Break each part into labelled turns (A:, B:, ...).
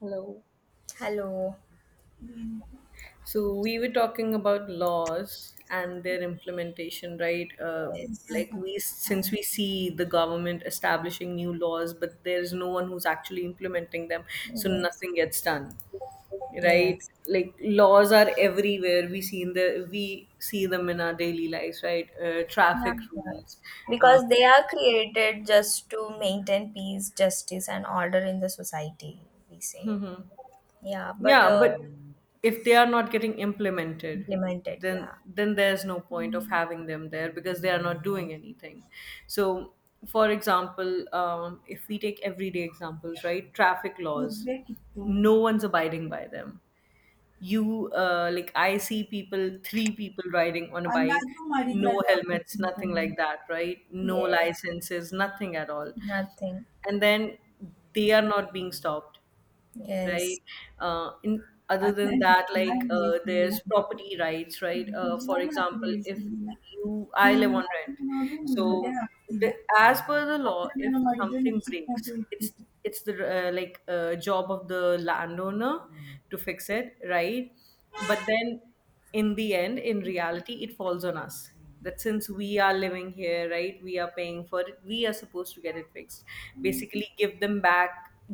A: Hello.
B: Hello.
A: So we were talking about laws and their implementation, right?
B: Yes.
A: Like
B: Yeah,
A: since we see the government establishing new laws, but there's no one who's actually implementing them, so
B: yes.
A: nothing gets done, right?
B: Yes.
A: Like laws are everywhere. We see them in our daily lives, right?
B: Yeah,
A: Traffic
B: yeah.
A: rules, uh,
B: Because they are created just to maintain peace, justice, and order in the society, we say. Yeah, but
A: Yeah, but if they are not getting implemented,
B: implemented,
A: then
B: yeah.
A: then there's no point of having them there because they are not doing anything. So, for example, if we take everyday examples, right? Traffic laws,
B: ಇರ್ಬೇಕಿತ್ತು
A: no one's abiding by them. You Like I see people, three people riding on a bike,
B: ಅಲ್ಲಾದ್ರೂ
A: no
B: ಮಾಡಿದ್ರದು
A: helmets, nothing
B: ಅನ್ಸ್ಕೊಂಡ್ಬನ್ನಿ
A: like that, right? No
B: Yes.
A: licenses, nothing at all,
B: Nothing.
A: and then they are not being stopped,
B: Yes.
A: right? In
B: ಆ
A: Other
B: ಥರ
A: than that,
B: ನಿಜ ಹೇಳ್ತಿರ್ಲಿಲ್ಲ
A: there's property rights,
B: Mm.
A: right? For
B: ನಿಜವಾಗ್ಲೂ ಆ ಥರ
A: example, if
B: ಹೇಳ್ತಿರ್ಲಿಲ್ಲ
A: you I
B: ನೀನ್
A: live on rent,
B: ಮಾತಿನ ನೋಡು ಗಿಡ
A: so
B: ಆಗ್ತಿಲ್ಲ
A: the, as per the law,
B: ಅದ್ರ
A: if
B: ನಾನು ಮಾಡಿದ್ರೆ
A: something
B: ನಾನು ಚಿಕ್ಕದು
A: breaks, it's
B: ಇಟ್ಟಿತ್ತು
A: it's the job of the landowner to fix it, right? But then in the end, in reality, it falls on us, that since we are living here, right, we are paying for it, we are supposed to get it fixed, basically give them back,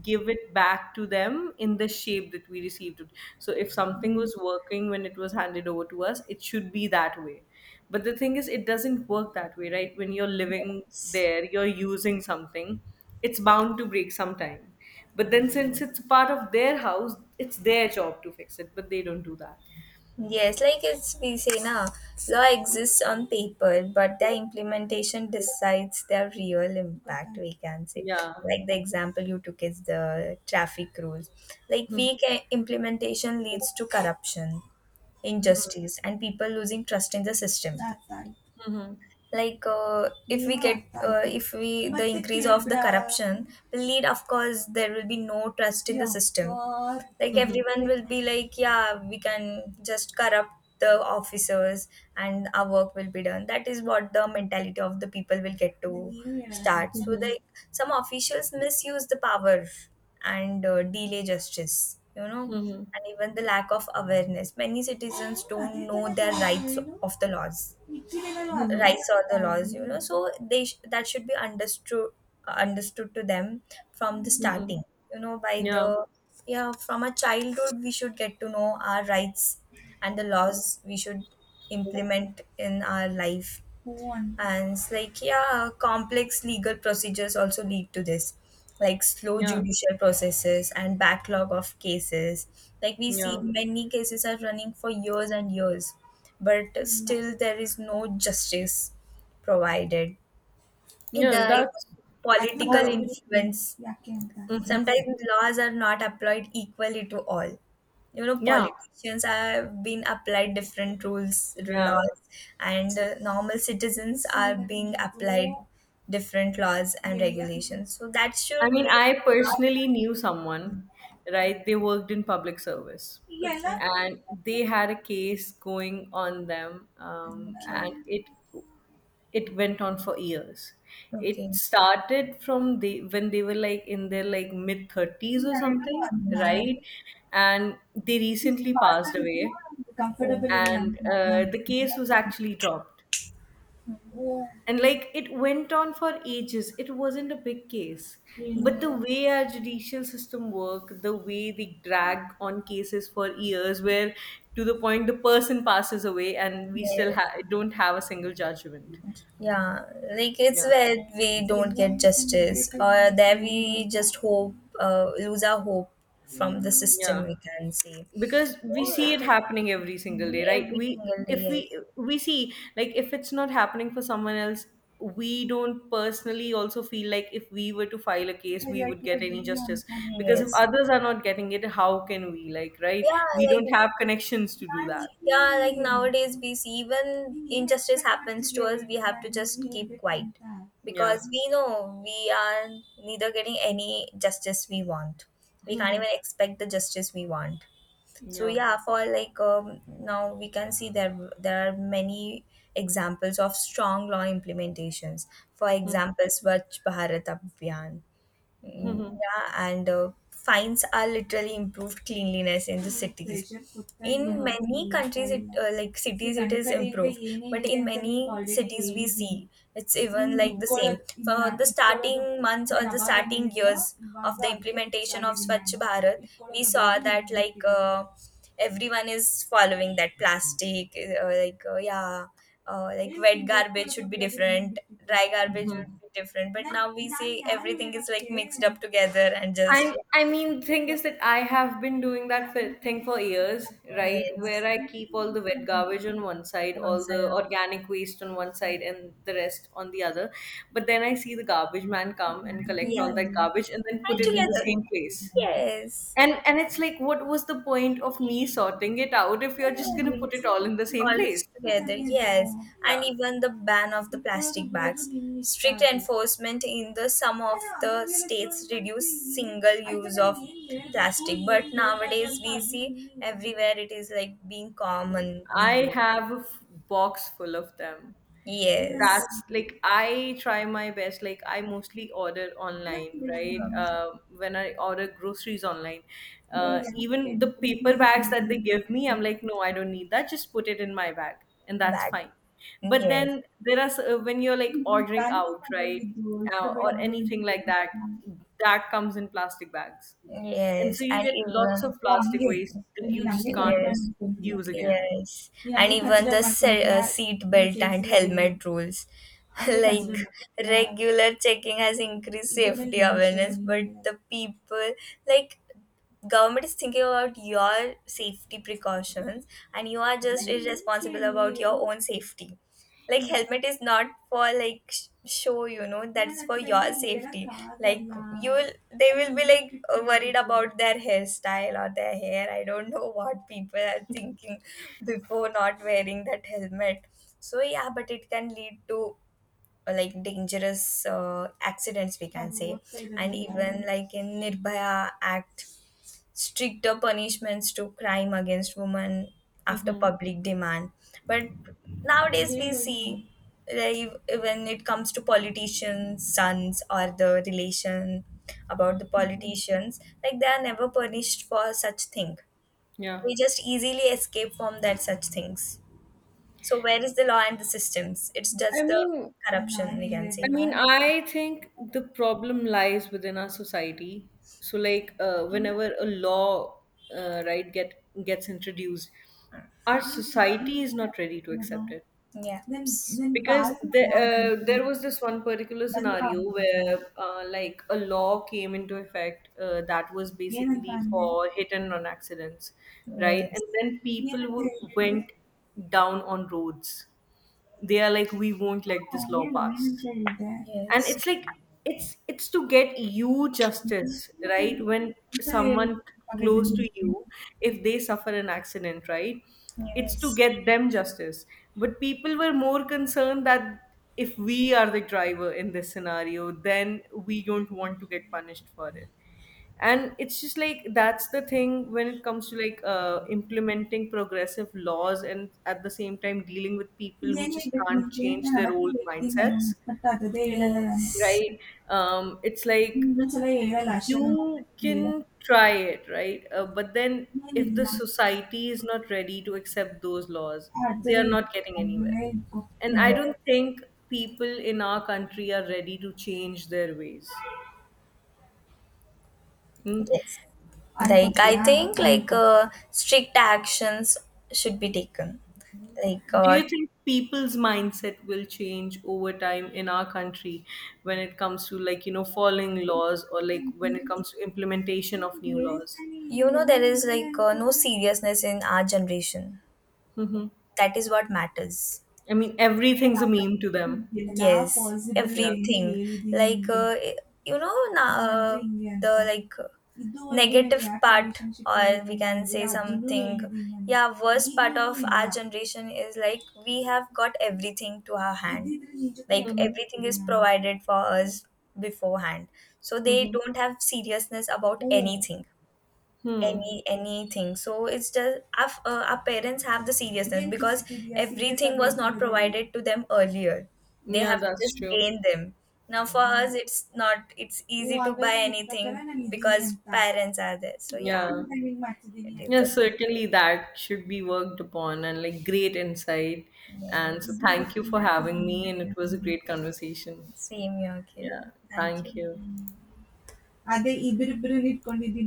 A: give it back to them in the shape that we received it. So if something was working when it was handed over to us, it should be that way. But the thing is, it doesn't work that way, right? When you're living there, you're using something, it's bound to break sometime. But then since it's part of their house, it's their job to fix it, but they don't do that.
B: Yes, like it's we say na, law exists on paper, but the implementation decides the real impact, we can say.
A: Yeah.
B: Like the example you took is the traffic rules. Like
A: Mhm,
B: weak implementation leads to corruption, injustice, and people losing trust in the system. That's right.
A: mhm,
B: Like, if we, yeah, get, if we, the increase of the corruption will lead, of course there will be no trust in the system. Like
A: mhm,
B: everyone will be like, yeah, we can just corrupt the officers, and our work will be done. That is what the mentality of the people will get to start. So
A: mhm,
B: like, some officials misuse the power and delay justice,
A: mhm,
B: and even the lack of awareness. Many citizens don't know their rights of the laws,
A: mhm,
B: rights or the laws, so they that should be understood, to them from the
A: mhm.
B: starting, by
A: Yeah,
B: the, yeah, from a childhood we should get to know our rights, and the laws we should implement in our life one. And it's like, yeah, complex legal procedures also lead to this, like slow
A: yeah,
B: judicial processes and backlog of cases. Like we see,
A: yeah.
B: many cases are running for years and years, but still there is no justice provided.
A: Yeah,
B: The
A: that's
B: political
A: uh,
B: influence. Yeah, क्या होता है? Sometimes laws are not applied equally to all. You know,
A: yeah,
B: politicians have been applied different rules,
A: yeah.
B: laws, and normal citizens are being applied different laws and regulations. So that
A: I
B: should
A: mean,
B: be.
A: I personally knew someone,
B: Okay.
A: right? They worked in public service
B: Okay.
A: and they had a case going on them, and it went on for years.
B: Okay.
A: It started from the when they were like in their like mid 30s or something, right, and they recently passed away,
B: Okay.
A: and the case was actually dropped. And like it went on for ages, it wasn't a big case, but the
B: Yeah.
A: way our judicial system work, the way they drag on cases for years, where to the point the person passes away and we still
B: Yeah,
A: don't have a single judgment.
B: yeah, like it's
A: Yeah,
B: where we don't get justice, or there we just hope, lose our hope from the
A: yeah,
B: system, we can say.
A: because we see it
B: Yeah,
A: happening every single day,
B: me
A: right?
B: every single day,
A: If we
B: yes.
A: we see, like, if it's not happening for someone else, we don't personally also feel like if we were to file a case we would get any justice, because if
B: Yes.
A: others are not getting it, how can we, like, right,
B: Yeah,
A: we
B: like
A: don't have connections to do that.
B: Yeah, like nowadays we see even injustice happens to us, we have to just keep quiet,
A: Yeah.
B: because we know we are neither getting any justice we want. We can't even expect the justice we want. So
A: Yeah.
B: yeah, for like now we can see there are many examples of strong law implementations. For example, Swachh Bharat Abhiyan.
A: Mhm. Mhm.
B: Yeah, and fines are literally improved cleanliness in the cities. In
A: Mhm.
B: many countries, it, like cities, it is improved. But in many cities, we see it's even
A: Mhm.
B: like
A: Mhm.
B: the same for the starting months or the starting years of the implementation of Swachh Bharat. We saw that like everyone is following that plastic, like, yeah, like wet garbage should be different, dry garbage would
A: Mhm.
B: be different, but now we see everything is like mixed up together and just
A: I
B: yeah.
A: mean, thing is that I have been doing that for, thing for years, right? Where
B: Yes,
A: I keep all the wet garbage on one side,
B: one
A: all the
B: side of.
A: organic waste on one side,
B: Yeah,
A: and the rest on the other. But then I see the garbage man come and collect
B: yeah,
A: all that garbage and then put
B: and
A: it in the
B: together,
A: same place.
B: yes,
A: And it's like, what was the point of me sorting it out if you're just gonna put it all in the same
B: all this
A: place?
B: together, yes, and
A: Yeah.
B: even the ban of the plastic bags, strict enforcement in the some of the states reduce single use of plastic, but nowadays we see everywhere it is like being commonly
A: I
B: used.
A: have a box full of them.
B: Yes.
A: That's like
B: Okay.
A: I try my best. Like I mostly order online, right? When I order groceries online, even the paper bags that they
B: Yes.
A: give me, I'm like, no, I don't need that. Just put it in my bag, and that's
B: Bag.
A: fine. But
B: Yes.
A: then there are when you're like ordering out, right, or anything like that, that comes in plastic bags,
B: Yes,
A: and so you
B: and
A: get
B: even
A: lots of
B: oh
A: plastic
B: అంగే
A: waste that you
B: నేను అంగే
A: just
B: yes,
A: can't
B: కట్టుకోవాలని అనుకుంటున్నా
A: use again.
B: yes, నేను and అంగే even consider the అనుకుంటున్నా हैं, seat నేను belt नीचे and చేసేది helmet rules. అదే like
A: Mhm.
B: కన్సిడర్ అనుకుంటున్నా regular checking has increased ఇదే safety awareness, but the people like government is thinking about your safety precautions, and you are just irresponsible about your own safety. Like helmet is not for like show, you know that's for your safety. Like you will, they will be like worried about their hairstyle or their hair, I don't know what people are thinking before not wearing that helmet. So yeah, but it can lead to like dangerous accidents, we can say. And even like in Nirbhaya Act, stricter punishments to crime against women after
A: Mhm.
B: public demand. But nowadays we see that when it comes to politicians' sons or the relation about the politicians, like they are never punished for such thing.
A: Yeah.
B: They just easily escape from that such things. So where is the law and the systems? It's
A: I
B: just the
A: mean,
B: corruption, we can
A: I
B: say.
A: mean, I think the problem lies within our society. So, whenever a law, gets introduced, our society is not ready to accept it.
B: Yeah. Then,
A: because
B: power
A: the,
B: and
A: there was this one particular
B: ಬಂದಿಲ್ಲ.
A: scenario where like a law came into effect, that was
B: ಏನಂತ
A: basically
B: ಅಂದೆ?
A: for hit and run accidents, right,
B: Yes,
A: and then people
B: ಏನಂತ ಹೇಳಿದೆ ಹೇಳು?
A: went down on roads. They are like, we won't let
B: ಹಾ,
A: this law
B: ಹೇಳು ಏನಂತ
A: pass.
B: ಹೇಳಿದ್ದೆ?
A: And
B: Yes,
A: it's like, it's to get you justice,
B: ಮತ್ತೆ
A: right? When
B: ಒಂದ್ಸರಿ ಹೇಳು
A: someone
B: ಗೊತ್ತಾಗಲ್ವೇ
A: close to
B: ನಿನ್ಗೆ?
A: you, if they suffer an accident, right, it's to
B: Yes,
A: get them justice. But people were more concerned that if we are the driver in this scenario, then we don't want to get punished for it. And it's just like, that's the thing when it comes to implementing progressive laws and at the same time dealing with people who
B: ಏನ್
A: just
B: ಹೇಳ್ಬೇಕು
A: can't
B: ನಿನ್ಗೆ?
A: change
B: ನಾನು
A: their
B: ಅವತ್ತೇ
A: old
B: ಹೇಳಿದ್ದೀನಿ ನಾನು
A: mindsets,
B: ಮತ್ತೆ ಅದೇ ಹೇಳಲ್ಲ ನಾನು.
A: right? It's like
B: ಇನ್ನೊಂದ್ಸಲ ಹೇಳಲ್ಲ ಅಷ್ಟೇ ನಾನು ಅವತ್ತೇ
A: you
B: ಹೇಳು.
A: can try it, right? But then if the
B: ಏನಿಲ್ಲ
A: society is not ready to accept those laws, they
B: ಅರ್ಧನೇ
A: are not
B: ಇಟ್ಕೊ,
A: getting anywhere.
B: ಅರ್ಧನೇ ಇಟ್ಕೊ.
A: And I
B: Yes.
A: don't think people in our country are ready to change their ways. Hmm.
B: Yes. Like, I, yeah, think like strict actions should be taken. Like,
A: Do you think people's mindset will change over time in our country when it comes to like, you know, following laws, or like when it comes to implementation of new laws?
B: there is like no seriousness in our generation.
A: Hmm.
B: That is what matters.
A: I mean, everything's a meme to them.
B: Yes,
A: Yeah.
B: everything. Like uh, you know, na- uh, the like negative part, or we can say something. Yeah, worst part of our generation is like we have got everything to our hand. Like
A: Mhm.
B: everything is provided for us beforehand, so they
A: Mhm.
B: don't have seriousness about anything,
A: Hmm.
B: anything. So it's just our parents have the seriousness, because everything was not provided to them earlier. They
A: Yeah,
B: have to
A: that's
B: just
A: true.
B: gain them. Now for us it's not it's easy to buy anything, because parents are there, so yeah,
A: Yeah.
B: it is
A: Yeah,
B: the thing.
A: certainly that should be worked upon, and like, great insight. And so
B: Yes.
A: thank you for having me, and it was a great conversation.
B: Are same here, Kiran,
A: Yeah.
B: thank you.
A: Thank you.